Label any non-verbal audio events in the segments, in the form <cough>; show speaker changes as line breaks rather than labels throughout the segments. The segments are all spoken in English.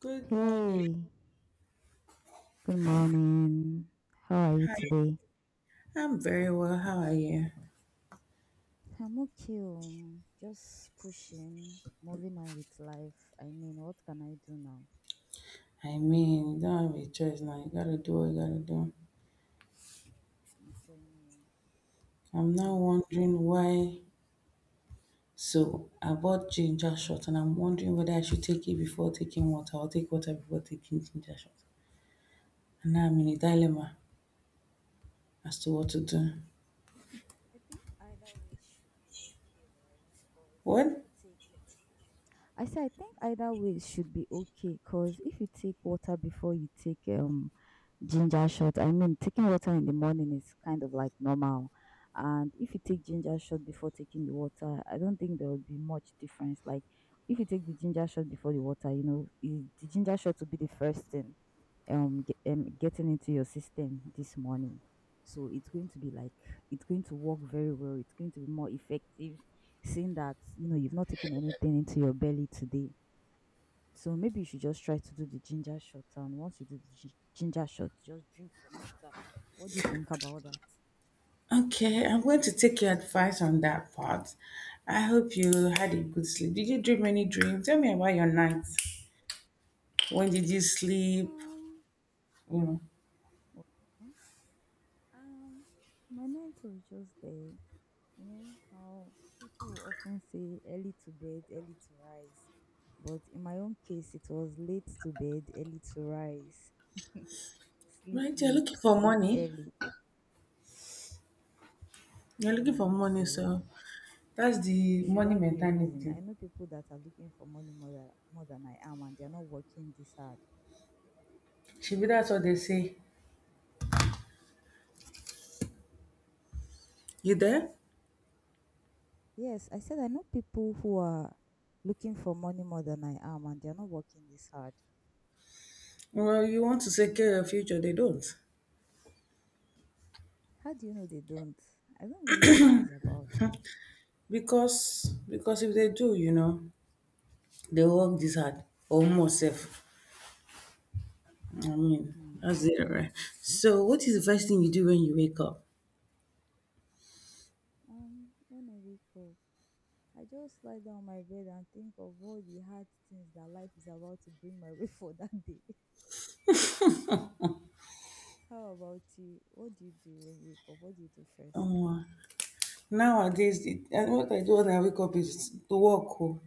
Good morning.
Hey, good morning. How are you
Hi.
today?
I'm very well. How are you?
I'm okay. Just pushing, moving on with life. I mean, what can I do now?
I mean, you don't have a choice now. You gotta do what you gotta do.
I'm telling you.
I'm now
Hmm.
wondering why. So I bought ginger shot, and I'm wondering whether I should take it before taking water or take water before taking ginger shot. And now I'm in a
Um,
dilemma as to
I
what to
think
do.
I think either way should be okay, right? Because if
What?
you take I say I think either way should be okay. Cause if you take water before you take ginger shot. I mean, taking water in the morning is kind of like normal. And if you take ginger shot before taking the water, I don't think there will be much difference. Like, if you take the ginger shot before the water, you know, the ginger shot will be the first thing getting into your system this morning. So it's going to be like it's going to work very well. It's going to be more effective, seeing that you know you've not taken anything into your belly today, so maybe you should just try to do the ginger shot, and once you do the ginger shot, just drink some water. What do you think about that?
Okay, I'm going to take your advice on that part. I hope you had a good sleep. Did you dream any dreams? Tell me about your night. When did you sleep?
Um,
You know.
Well, um, my night was just there. You know how people often say early to bed, early to rise. But in my own case, it was late to bed, early to rise, sleep
Right, you're looking
late,
for
wake
money.
early.
You're looking for
Mm,
money,
so,
so that's the
should
money
that be a reason?
mentality.
I know people that are looking for money more than I am, and they're not working this hard.
Should be that's what they say. You there?
Yes, I said I know people who are looking for money more than I am, and they're not working this hard.
Well, you want to secure your future, they don't.
How do you know they don't? I don't really think it's about that.
Because if they do, you know, they work this hard. Almost safe. I mean,
Hmm.
that's it, right? So what is the first thing you do when you wake up?
When I wake up, I just lie down on my bed and think of all the hard things that life is about to bring my way <laughs> for that day. How about you? What do you do when you wake up? What do you do first?
Um, Nowadays, it, and what I do when I wake up is to work. Oh.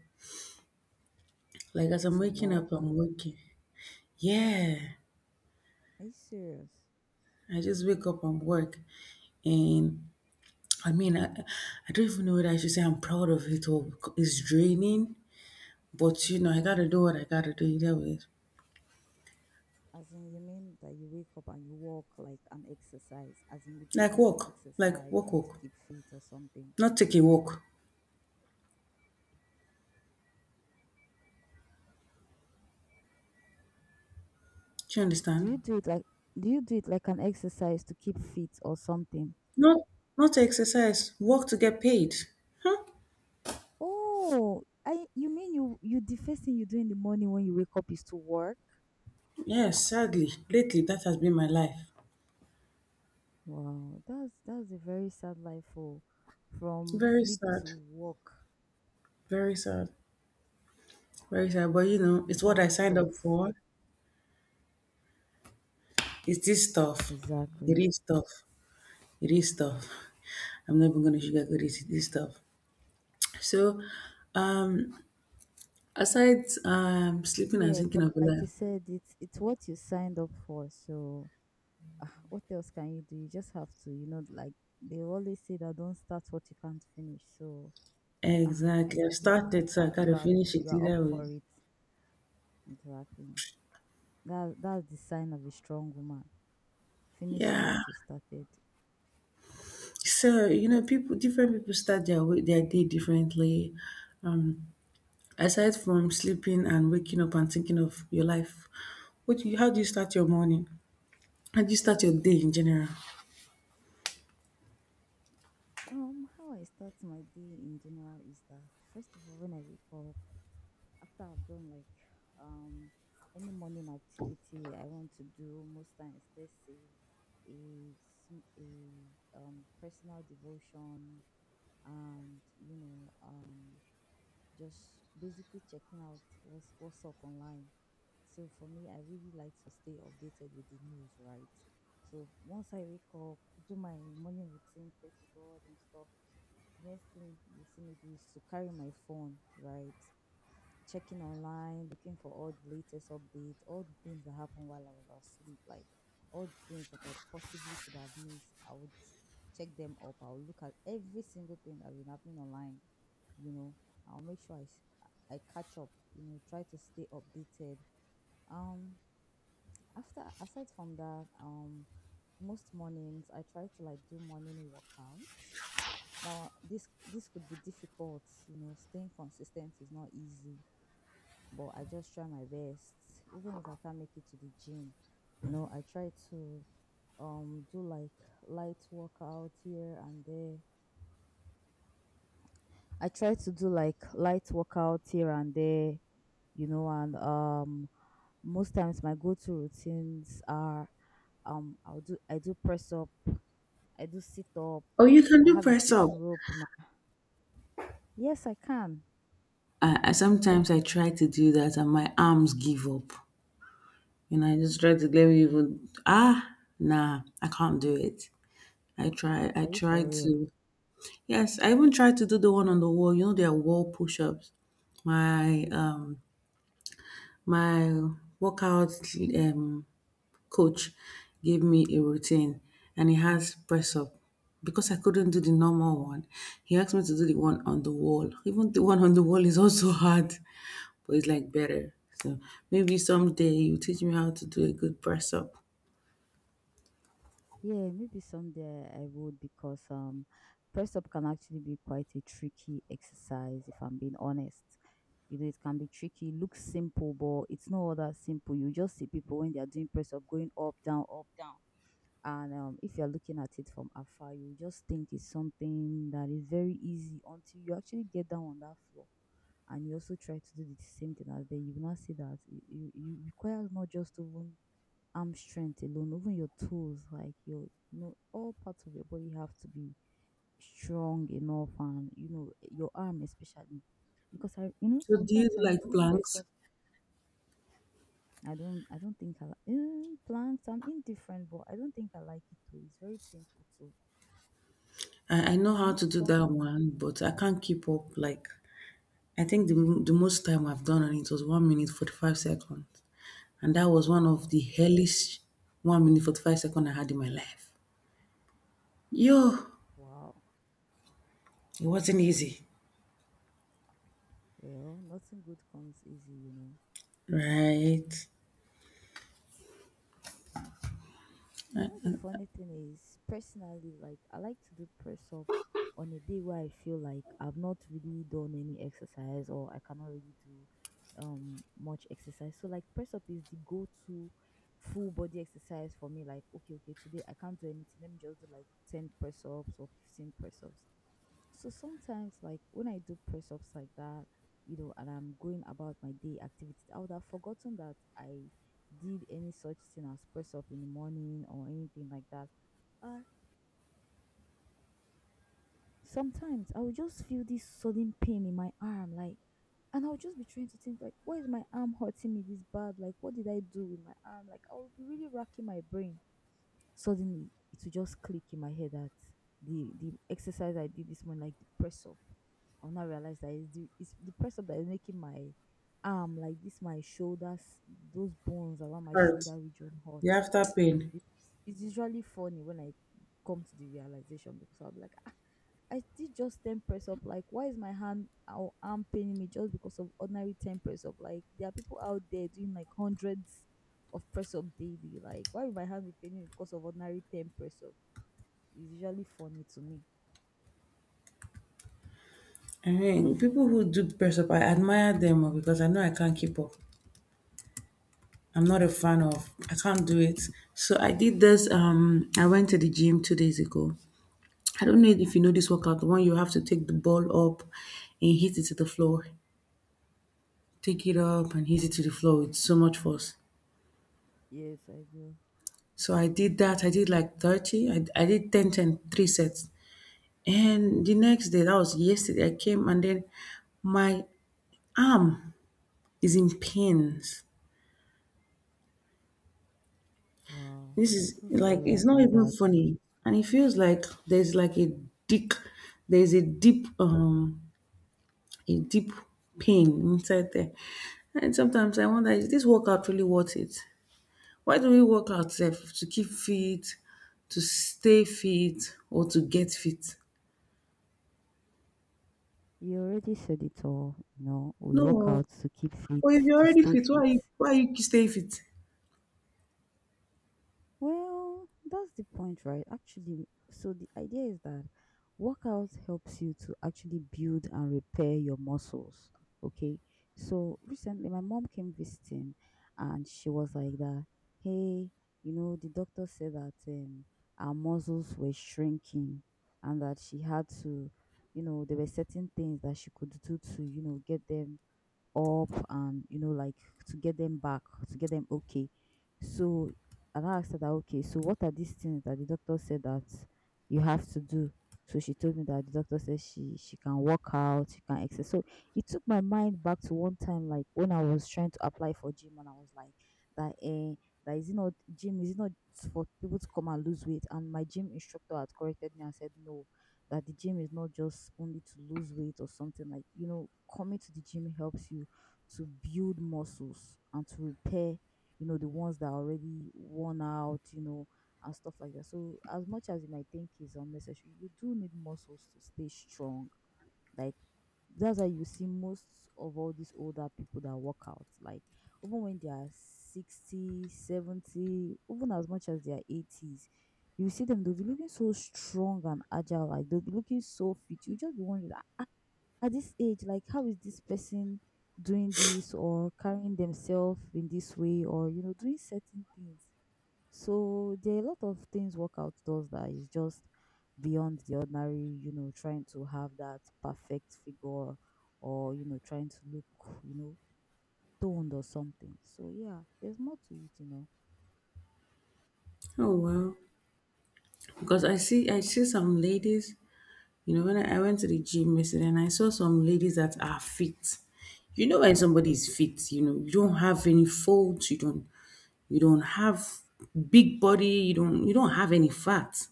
Like as I'm
To
waking up,
walk?
I'm working. Yeah.
Are you serious?
I just wake up and work. And I mean, I don't even know whether I should say I'm proud of it or it's draining. But you know, I gotta do what I gotta do either way.
As in, you mean that you wake up and you walk like an exercise? As in, you do it as an
Like
exercise,
walk,
like to
walk.
keep fit or something.
Not take a walk. Do you
Do
understand?
you do it like do you do it like an exercise to keep fit or something?
Not, Not exercise. Work to get paid. Huh?
Oh, I you mean you the first thing you do in the morning when you wake up is to work?
Yes, sadly, lately that has been my life.
Wow, that's a very sad life for from
Very
sleep to
sad.
work.
Very sad. Very sad. But you know, it's what I
Sound
signed up
stuff.
for. It's this stuff. It
Exactly.
is tough. It is tough. <laughs> I'm not even gonna sugarcoat it. It is tough. So, um, aside sleeping and
Yeah,
thinking
but
of
like
life,
you said, it's what you signed up for, so what else can you do? You just have to, you know, like they always say, that don't start what you can't finish. So ah, I
exactly. I've
believe you
started, so I
are you
gotta
are
finish
you
it
are up
either way.
for it. Exactly. That's the sign of a strong woman. Finishing
Yeah.
what you started.
So you know, people, different people start their way, their day differently. Um, Aside from sleeping and waking up and thinking of your life, how do you start your morning? How do you start your day in general?
How I start my day in general is that first of all when I wake up, after I've done like um any morning activity I want to do, most times, let's say a personal devotion, and you know, just basically checking out what's up online. So for me, I really like to stay updated with the news, right? So once I wake up, do my morning routine, pray to God and stuff, the next thing you see me do is to carry my phone, right? Checking online, looking for all the latest updates, all the things that happened while I was asleep, like all the things that I possibly could have missed, I would check them up. I'll look at every single thing that's been happening online, you know. I'll make sure I s- I catch up, you know, try to stay updated. um after aside from that, most mornings I try to like do morning workouts. Now this could be difficult, you know, staying consistent is not easy, but I just try my best. Even if I can't make it to the gym, you know, I try to do like light workout here and there. I try to do like light workouts here and there, you know, and most times my go-to routines are I do press up, I do sit up.
Or you can
I
do
have a
press up.
skipping rope. Yes, I can.
I sometimes I try to do that and my arms give up. And I just try to let me even ah nah, I can't do it. I
Are you
try
for real?
to yes, I even tried to do the one on the wall. You know there are wall push ups. My my workout um coach gave me a routine and it has press up. Because I couldn't do the normal one, he asked me to do the one on the wall. Even the one on the wall is also <laughs> hard, but it's like better. So maybe someday you teach me how to do a good press up.
Yeah, maybe someday I would, because press up can actually be quite a tricky exercise, if I'm being honest. You know, it can be tricky, looks simple, but it's not all that simple. You just see people when they are doing press up going up, down, up, down, and if you're looking at it from afar, you just think it's something that is very easy, until you actually get down on that floor and you also try to do the same thing as them. You will not see that it requires not just even arm strength alone, even your toes, like your, you know, all parts of your body have to be strong enough, and you know your arm especially, because I, you know,
So do you
sometimes I
like
do press
planks?
up. I don't think I like planks. I'm indifferent, but I don't think I like it too, it's very painful.
I know
You
how
know
to do
some
that one, but I can't keep up. Like I think the most time I've done on it was 1 minute 45 seconds, and that was one of
wow,
the hellish 1 minute 45 second I had in my life. Yo,
wow.
it wasn't easy,
Well, nothing good comes easy, you know.
right?
You know, the funny thing is, personally, like I like to do press up on a day where I feel like I've not really done any exercise, or I cannot really do much exercise. So like press up is the go-to full body exercise for me. Like okay, okay, today I can't do anything. Let me just do like 10 press ups or 15 press ups. So sometimes, like when I do press ups like that, you know, and I'm going about my day activities, I would have forgotten that I did any such thing as press up in the morning or anything like that. And sometimes I will just feel this sudden pain in my arm, like, and I'll just be trying to think, like, why is my arm hurting me this bad? Like, what did I do with my arm? Like, I will be really racking my brain. Suddenly, it will just click in my head that the exercise I did this morning, like the press up, I'll now realize that it's the press up that is making my arm, like this, my shoulders, those bones around my
Hurt
shoulder region hurt.
the after pain.
It- It's usually funny when I come to the realization, because I'm like, ah, I did just 10 press up. Like, why is my hand or arm paining me just because of ordinary 10 press up? Like, there are people out there doing like hundreds of press up daily. Like, why would my hand be paining me because of ordinary 10 press up? It's usually funny to me.
I mean, people who do press up, I admire them oh, because I know I can't keep up. I'm not a fan of. I can't do it. So I did this. I went to the gym 2 days ago. I don't know if you know this workout, the one you have to take the ball up and hit it to the floor. Take it up and hit it to the floor with so much force.
Yes, I do.
So I did that. I did like 30. I did ten, ten, three sets. And the next day, that was yesterday, I came and then my arm is in pains.
Wow.
This is
So
like,
sorry
it's not
about
even
that.
funny. And it feels like there's like a dick, there's a deep in deep pain inside there. And sometimes I wonder, is this workout really worth it? Why do we work out sef? To keep fit, to stay fit or to get fit?
You already said it all. You know, we work
No.
out to keep fit,
But if you're
to
already
stay
fit,
fit.
why are you staying fit?
Well, that's the point, right? Actually, so the idea is that workout helps you to actually build and repair your muscles. Okay. So recently, my mom came visiting, and she was like that, hey, you know, the doctor said that our muscles were shrinking, and that she had to, you know, there were certain things that she could do to, you know, get them up and, you know, like, to get them back, to get them okay. So, and I asked her that, okay, so what are these things that the doctor said that you have to do. So she told me that the doctor said she can work out, she can exercise. So it took my mind back to one time, like when I was trying to apply for gym and I was like that, that, is it not gym, is it not for people to come and lose weight? And my gym instructor had corrected me and said no, that the gym is not just only to lose weight or something, like you know, coming to the gym helps you to build muscles and to repair, you know, the ones that are already worn out, you know, and stuff like that. So, as much as you might think is unnecessary, you do need muscles to stay strong. Like, that's why you see most of all these older people that work out, like, even when they are 60, 70, even as much as they are 80s, you see them, they'll be looking so strong and agile, like, they'll be looking so fit. You just be wondering, at this age, like how is this person doing this or carrying themselves in this way, or you know, doing certain things. So there are a lot of things workout does that is just beyond the ordinary. You know, trying to have that perfect figure or trying to look toned or something. So yeah, there's more to it.
Oh well. Because I see some ladies, you know, when I went to the gym yesterday and I saw some ladies that are fit. You know when somebody is fit, you know, you don't have any faults, you don't have big body you don't have any fat,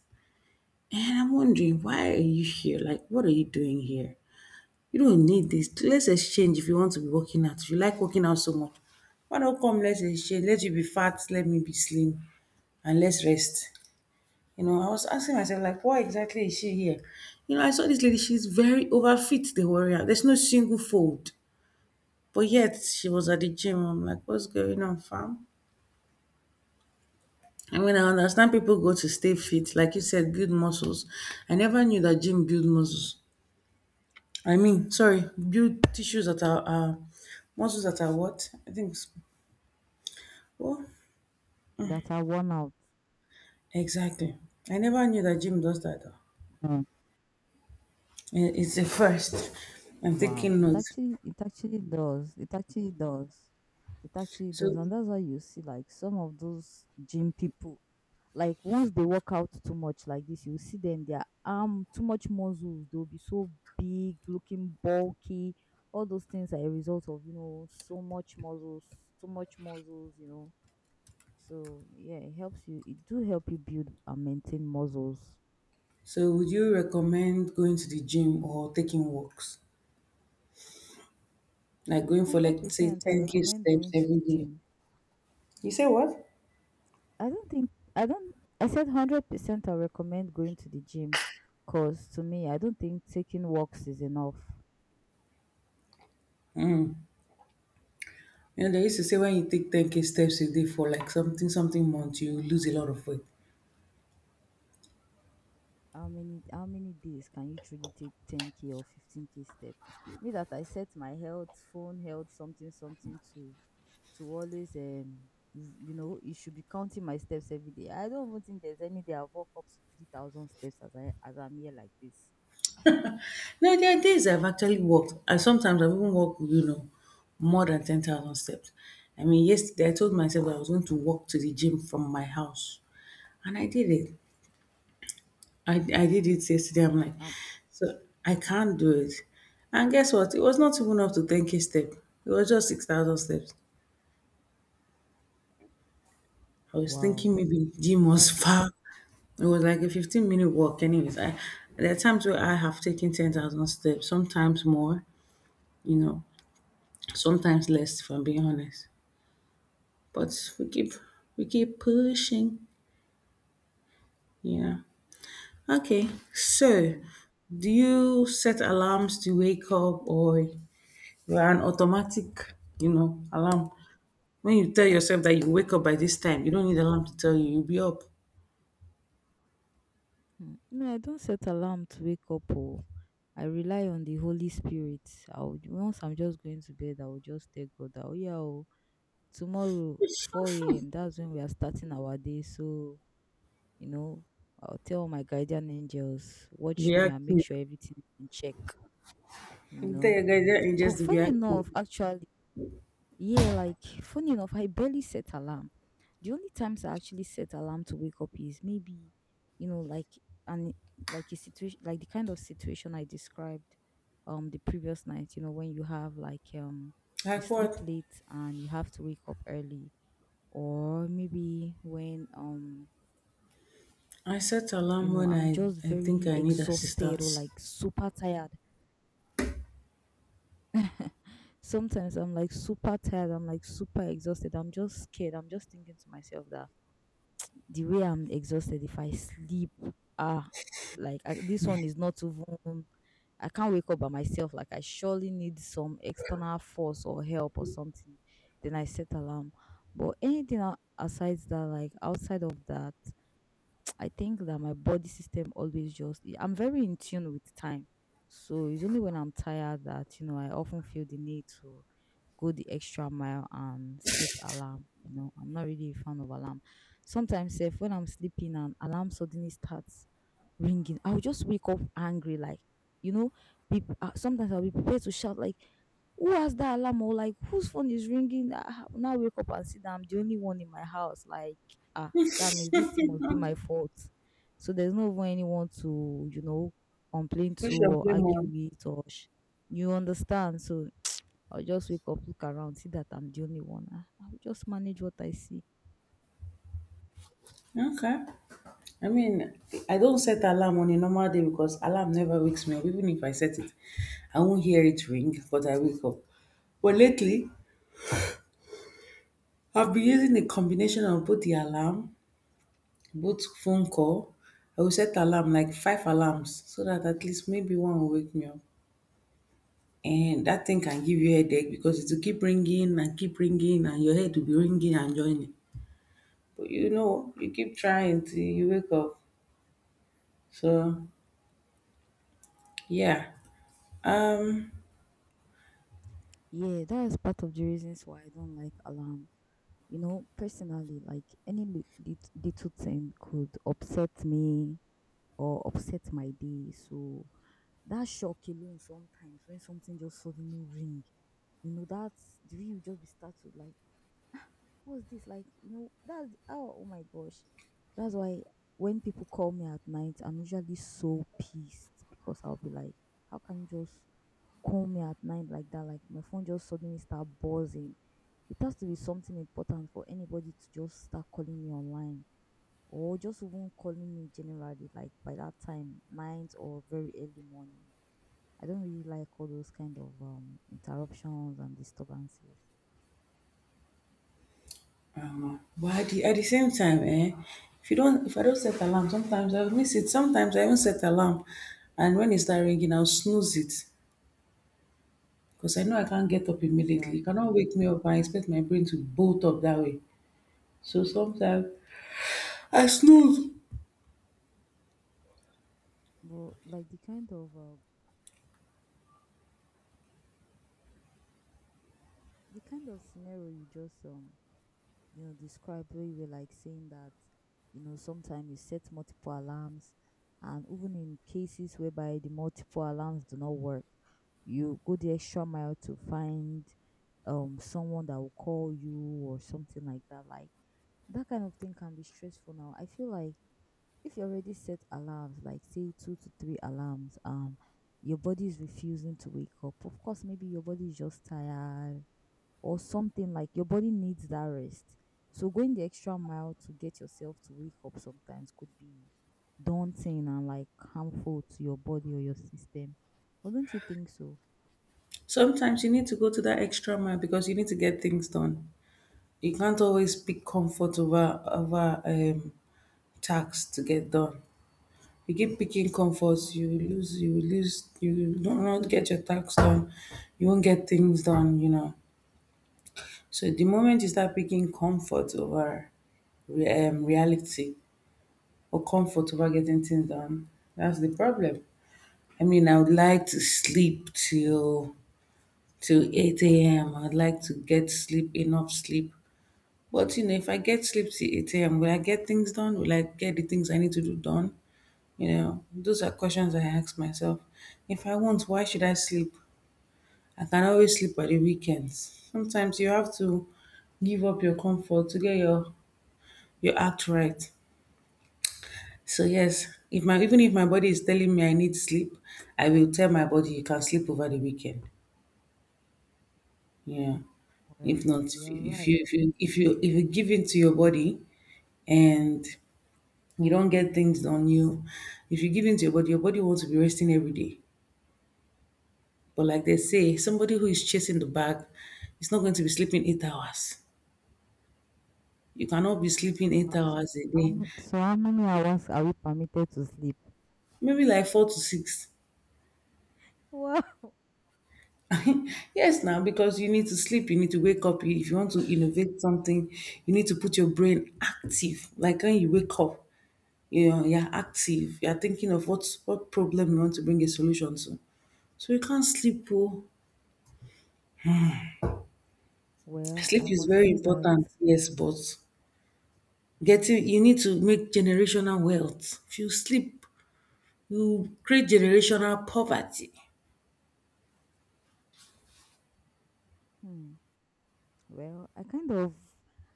and I'm wondering why are you here, like what are you doing here? You don't need this. Let's exchange. If you want to be working out, if you like working out so much, why don't come, let's exchange, let you be fat, let me be slim, and let's rest. You know, I was asking myself, like, why exactly is she here? You know, I saw this lady, she's very overfit, the warrior, there's no single fold, but yet she was at the gym. I'm like, what's going on, fam? I mean, I understand people go to stay fit, like you said, build muscles. I never knew that gym build muscles. I mean, sorry, build tissues that are muscles that are what? I think. Oh,
That are worn out.
exactly. I never knew that gym does that though. Eh, it's a first. I'm
Wow,
taking notes.
it actually does. It actually does. It actually does.
So,
And that's why you see like some of those gym people, like once they work out too much like this, you see them, their arm too much muscles, they'll be so big, looking bulky. All those things are a result of, you know, so much muscles, too much muscles, you know. So yeah, it helps you. It do help you build and maintain muscles.
so would you recommend going to the gym or taking walks, like going for like
Hundred
say
percent I
ten k
recommend
steps
going to
every
the
day?
gym.
You say what?
I don't think I don't I said 100% I recommend going to the gym cause to me I don't think taking walks is enough.
You know, they used to say when you take 10K steps a day for like something, something months, you lose a lot of weight.
How many days can you truly take 10k or 15k step? Me that I set my health something something to always you know you should be counting my steps every day. I don't even think there's any day I've walked up to 3000 steps as I'm here like this.
Now, there are days I've actually walked, and sometimes I've even walked, you know, more than 10,000 steps. I mean, yesterday I told myself I was going to walk to the gym from my house, and I did it. I did it yesterday. I'm like,
Um
so I can't do it. And guess what? It was not even up to 10K step. It was just 6,000 steps. I was
wow.
thinking maybe gym was
That's
<laughs> far. It was like a 15-minute walk, anyways. I there are times where I have taken 10,000 steps, sometimes more, you know, sometimes less, if I'm being honest. But we keep pushing, yeah. Okay, so
hmm.
do you set alarms to wake up, or you're an automatic, you know, alarm? When you tell yourself that you wake up by this time, you don't need alarm to tell you you'll be up.
Hmm. No, I don't set alarm to wake up. Oh, I rely on the Holy Spirit. I'll once I'm just going to bed, I will just tell God that oh yeah, oh, tomorrow four a.m.
<laughs>
That's when we are starting our day. So you know, I'll tell my guardian angels watch me
React.
and make sure everything is in check. You know,
There, guys, that is just
but
to be
funny
active.
enough, actually, yeah, like funny enough, I barely set alarm. The only times I actually set alarm to wake up is maybe, you know, like an like a situation like the kind of situation I described the previous night, you know, when you have like you
Like
sleep
what?
late and you have to wake up early. Or maybe when
I set
you
alarm
know
when
I'm just
I think
very
I need
exhausted or
assistance.
like super tired. Sometimes I'm like super tired, I'm like super exhausted, I'm just scared, I'm just thinking to myself that the way I'm exhausted if I sleep, ah, like I, this one is not even. I can't wake up by myself. Like I surely need some external force or help or something. Then I set alarm. But anything aside that, like outside of that, I think that my body system always just I'm very in tune with time. So it's only when I'm tired that, you know, I often feel the need to go the extra mile and set alarm. You know, I'm not really a fan of alarm. Sometimes if when I'm sleeping and alarm suddenly starts ringing, I'll just wake up angry, like you know. Be, sometimes I'll be prepared to shout like, "Who has that alarm?" or like, "Whose phone is ringing?" I now wake up and see that I'm the only one in my house. Like, ah, that means this thing must be my fault. So there's no even anyone to, you know, complain to
Push your
or argue
blame
with or sh- you understand. So I'll just wake up, look around, see that I'm the only one. I'll just manage what I see.
on. Okay. I mean, I don't set alarm on a normal day because alarm never wakes me up. Even if I set it, I won't hear it ring, but I wake up. But lately, I've been using a combination of both the alarm, both phone call. I will set alarm, like five alarms, so that at least maybe one will wake me up. And that thing can give you headache because it will keep ringing and your head will be ringing and joining. But you know, you keep trying till you wake up. So yeah, um,
Yeah, that is part of the reasons why I don't like alarm. You know, personally, like any little thing could upset me or upset my day. So that shock alone sometimes when something just suddenly ring, you know, that's the way you just be startled like what's this like you know that's oh, oh my gosh. That's why when people call me at night I'm usually so pissed because I'll be like how can you just call me at night like that, like my phone just suddenly start buzzing. It has to be something important for anybody to just start calling me online or just even calling me generally like by that time night or very early morning. I don't really like all those kind of interruptions and disturbances.
I don't know. But at at the same time, eh, if you don't, if I don't set alarm, sometimes I'll miss it. Sometimes I even set alarm, and when it start ringing, I'll snooze it because I know I can't get up immediately. You cannot
Exactly.
wake me up and expect my brain to bolt up that way. So sometimes I snooze.
But like the kind of scenario you just you know described where you were like saying that you know sometimes you set multiple alarms and even in cases whereby the multiple alarms do not work, you go the extra mile to find someone that will call you or something like that. Like that kind of thing can be stressful now. I feel like if you already set alarms like say two to three alarms your body is refusing to wake up, of course maybe your body is just tired or something, like your body needs that rest, so going the extra mile to get yourself to wake up sometimes could be daunting and like harmful to your body or your system. Wouldn't you think so?
Sometimes you need to go to that extra mile because you need to get things done. You can't always pick comfort over tasks to get done. You keep picking comforts, you
Wow.
will lose, you will lose, you will not get your tasks done. You won't get things done, you know. So the moment you start picking comfort over reality or comfort over getting things done. That's the problem. I mean, I would like to sleep till 8 a.m. I'd like to get sleep enough sleep. But you know, if I get sleep till 8 a.m., will I get things done? Will I get the things I need to do done? You know, those are questions I ask myself. If I want, why should I sleep? I can always sleep at the weekends. Sometimes you have to give up your comfort to get your act right. So yes, if my even if my body is telling me I need sleep, I will tell my body you can sleep over the weekend. Yeah. If
Well
not, if
you're
you if you
right.
if you if you give in to your body and you don't get things on you. If you give in to your body, your body wants to be resting every day. But like they say, somebody who is chasing the bag is not going to be sleeping 8 hours. You cannot be
So
sleeping eight hours a
how
day.
many, so how many hours are we permitted to sleep?
Maybe like 4 to 6.
<laughs> Well.
<laughs> Yes, now, because you need to sleep, you need to wake up. If you want to innovate something, you need to put your brain active. Like when you wake up, you know, you're active, you're thinking of what problem you want to bring a solution to. So you can't sleep, oh.
Well I
Sleep is
must
very
say that
important, yes, but getting, you need to make generational wealth. If you sleep, you create generational poverty.
hmm. Well,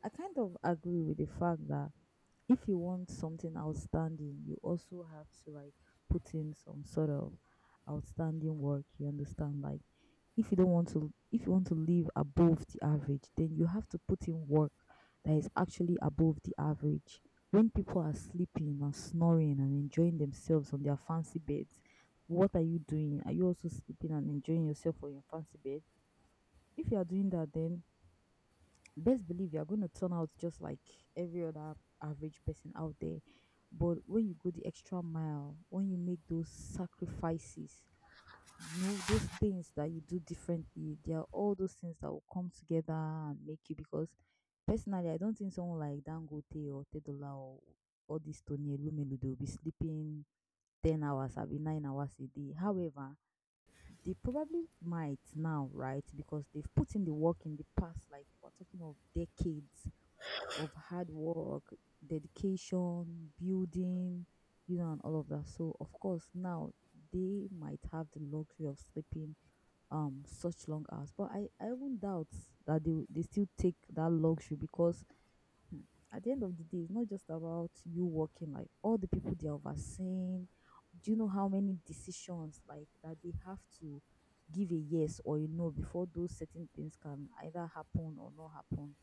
I kind of agree with the fact that if you want something outstanding, you also have to like put in some sort of outstanding work, you understand? Like if you want to live above the average, then you have to put in work that is actually above the average. When people are sleeping and snoring and enjoying themselves on their fancy beds, what are you doing? Are you also sleeping and enjoying yourself on your fancy bed? If you are doing that, then best believe you're going to turn out just like every other average person out there. But when you go the extra mile, when you make those sacrifices, you know, those things that you do differently, they are all those things that will come together and make you. Because personally, I don't think someone like Dangote or Tedola or all these Tony Elumelu, they'll be sleeping 10 hours, I'll be 9 hours a day. However, they probably might now, right? Because they've put in the work in the past, like we're talking of decades of hard work, dedication, building, you know, and all of that. So of course now they might have the luxury of sleeping such long hours. But I won't doubt that they still take that luxury because hmm, at the end of the day, it's not just about you working, like all the people they are overseeing. Do you know how many decisions like that they have to give a yes or a no before those certain things can either happen or not happen?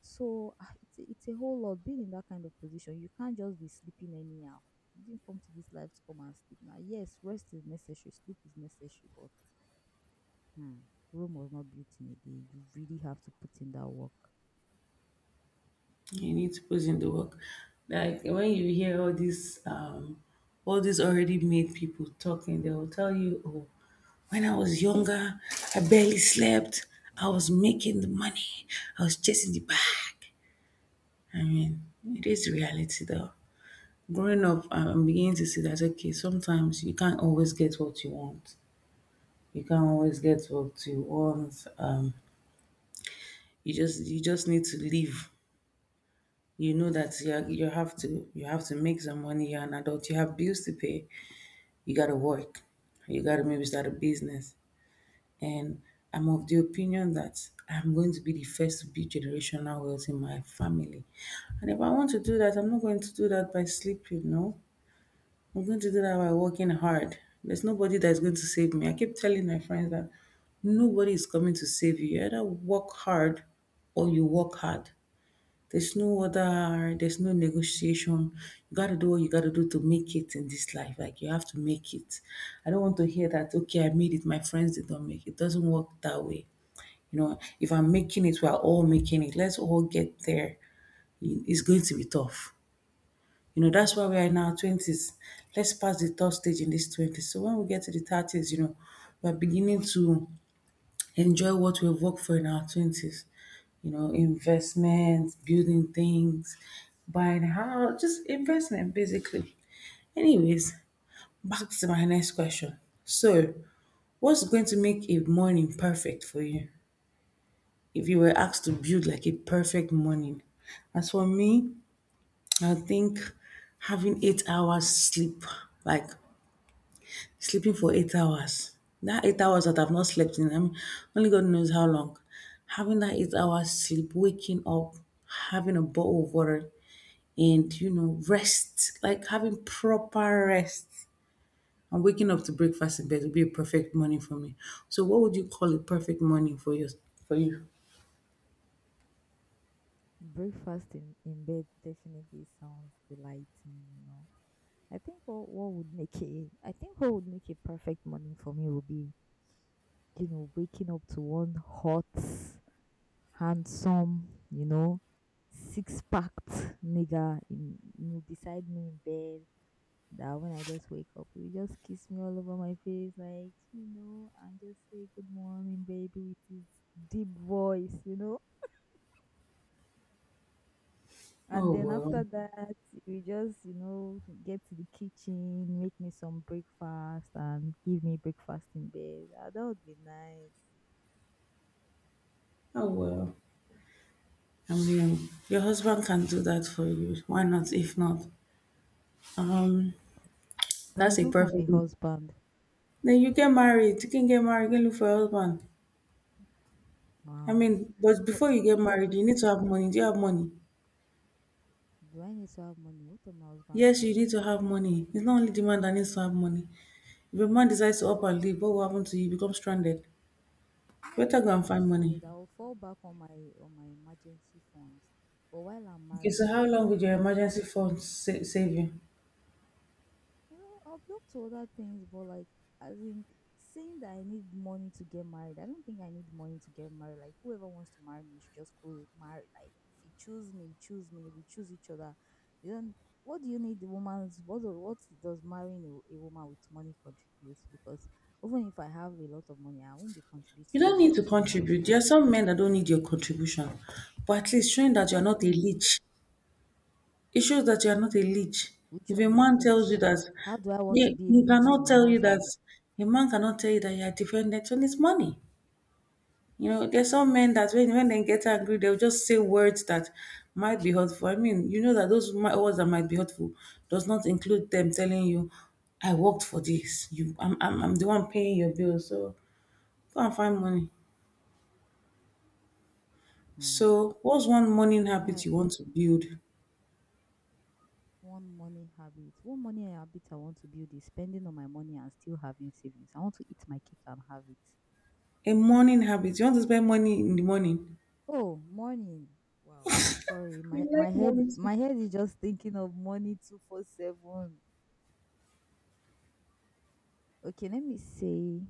So ah, it's a whole lot. Being in that kind of position, you can't just be sleeping anyhow. You didn't come to this life to come and sleep. Now, yes, rest is necessary, sleep is necessary, but hmm, Rome was not built in a day. You really have to put in that work.
You need to put in the work. Like when you hear all these already made people talking, they will tell you, oh, when I was younger, I barely slept. I was making the money. I was chasing the bag. I mean, it is reality though. Growing up, I'm beginning to see that, okay, sometimes you can't always get what you want. You can't always get what you want. You just, you just need to live. You know that you have to, you have to make some money. You're an adult, you have bills to pay. You got to work. You got to maybe start a business. And I'm of the opinion that I'm going to be the first to build generational wealth in my family. And if I want to do that, I'm not going to do that by sleep, you know. I'm going to do that by working hard. There's nobody that's going to save me. I keep telling my friends that nobody is coming to save you. You either work hard or you work hard. There's no negotiation. You got to do what you got to do to make it in this life. Like, you have to make it. I don't want to hear that, okay, I made it, my friends did not make it. It doesn't work that way. You know, if I'm making it, we're all making it. Let's all get there. It's going to be tough, you know, that's why we are in our 20s. Let's pass the third stage in this 20s. So when we get to the 30s, you know, we're beginning to enjoy what we've worked for in our 20s. You know, investments, building things, buying a house, just investment basically. Anyways, back to my next question. So, what's going to make a morning perfect for you? If you were asked to build like a perfect morning, as for me, I think having 8 hours sleep, like sleeping for 8 hours. That 8 hours that I've not slept in, I mean, only God knows how long. Having that 8 hours sleep, waking up, having a bottle of water, and you know, rest, like having proper rest. And waking up to breakfast in bed would be a perfect morning for me. So, what would you call a perfect morning for you? For you?
Breakfast in bed definitely sounds delighting, you know. I think what would make a I think what would make a perfect morning for me would be, you know, waking up to one hot, handsome, you know, six packed nigga in you know, beside me in bed, that when I just wake up he will just kiss me all over my face like, you know, and just say good morning baby with his deep voice, you know.
Oh
And then
well,
after that, we just, you know, get to the kitchen, make me some breakfast, and give me breakfast in bed. Ah, that would be nice.
oh well. I mean, your husband can do that for you. Why not? If not, um,
But I
that's a
don't have a
perfect.
husband.
Then you get married. You can get married. You can look for a husband. I
Wow.
mean, but
But
before you get
if I
married,
get,
you need to have money. Do you have money?
do I need to have money? What of my husband's
Yes, you
money?
need to have money. It's not only the man that needs to have money. If a man decides to up and leave, what will happen to you? You become stranded.
No, I
Better
won't
go and
become
find money.
stranded. I will fall back on my emergency funds. But while I'm
Okay, so
married,
how
like
long
I
would your
don't.
emergency fund sa- save you?
Well, I'll be up to other things, but like, as in saying that I need money to get married, I don't think I need money to get married. Like, whoever wants to marry me should just go marry. Like, if you choose me, you choose me. We choose each other. You don't. What do you need the woman's? What do- what does marrying a woman with money contribute? Because even if I have a lot of money, I won't be
You
contributing
don't
much
need to
to the
contribute. There
household.
are some men that don't need your contribution, but at least showing that you are not a
Exactly.
leech. It shows that you are not a leech.
Which
If a
one is
man tells you
leech?
that,
How do I want to
he,
be a
he
leech to
cannot
my
tell you that,
husband?
a man cannot tell you that you are dependent on his money. You know, there's some men that when they get angry, they'll just say words that might be hurtful. I mean, you know that those mi- words that might be hurtful does not include them telling you, "I worked for this. You, I'm the one paying your bills. So go and find money."
Hmm.
So, what's one morning
Me,
habit
I-
you want to build?
one money habit. One money habit I want to build is spending on my money and still having savings. I want to eat my cake and have it.
A morning habit. You want to spend money in the morning?
Oh, morning. Wow. Sorry, my head is just thinking of money 24/7. Okay, let me say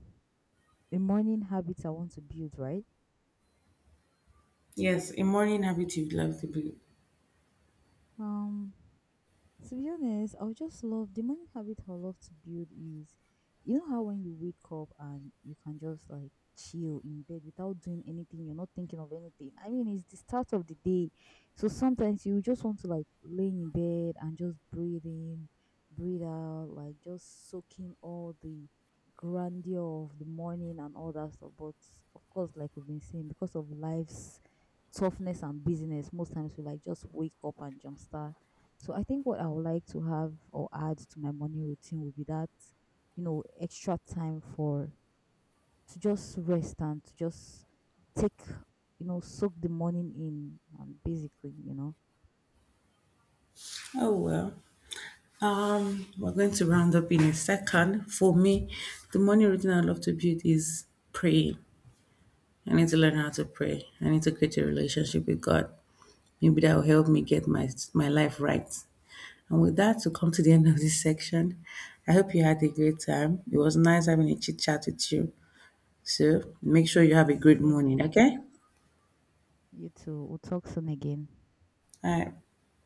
a morning habit I want to build, right?
Yes, a morning habit you'd love to build.
Um, to be honest, I would just love the morning habit I would love to build is you know how when you wake up and you can just like chill in bed without doing anything, you're not thinking of anything. I mean, it's the start of the day. So sometimes you just want to like lay in bed and just breathe in, breathe out, like just soaking all the grandeur of the morning and all that stuff. But of course, like we've been saying, because of life's toughness and busyness, most times we like just wake up and jumpstart, so I think what I would like to have or add to my morning routine would be that, you know, extra time for to just rest and to just take, you know, soak the morning in and basically, you know.
Oh well. We're going to round up in a second. For me, the morning routine I love to build is praying. I need to learn how to pray. I need to create a relationship with God. Maybe that will help me get my life right. And with that, to come to the end of this section, I hope you had a great time. It was nice having a chit chat with you. So make sure you have a great
Same
morning,
here.
okay?
You too. We'll talk soon again.
All right.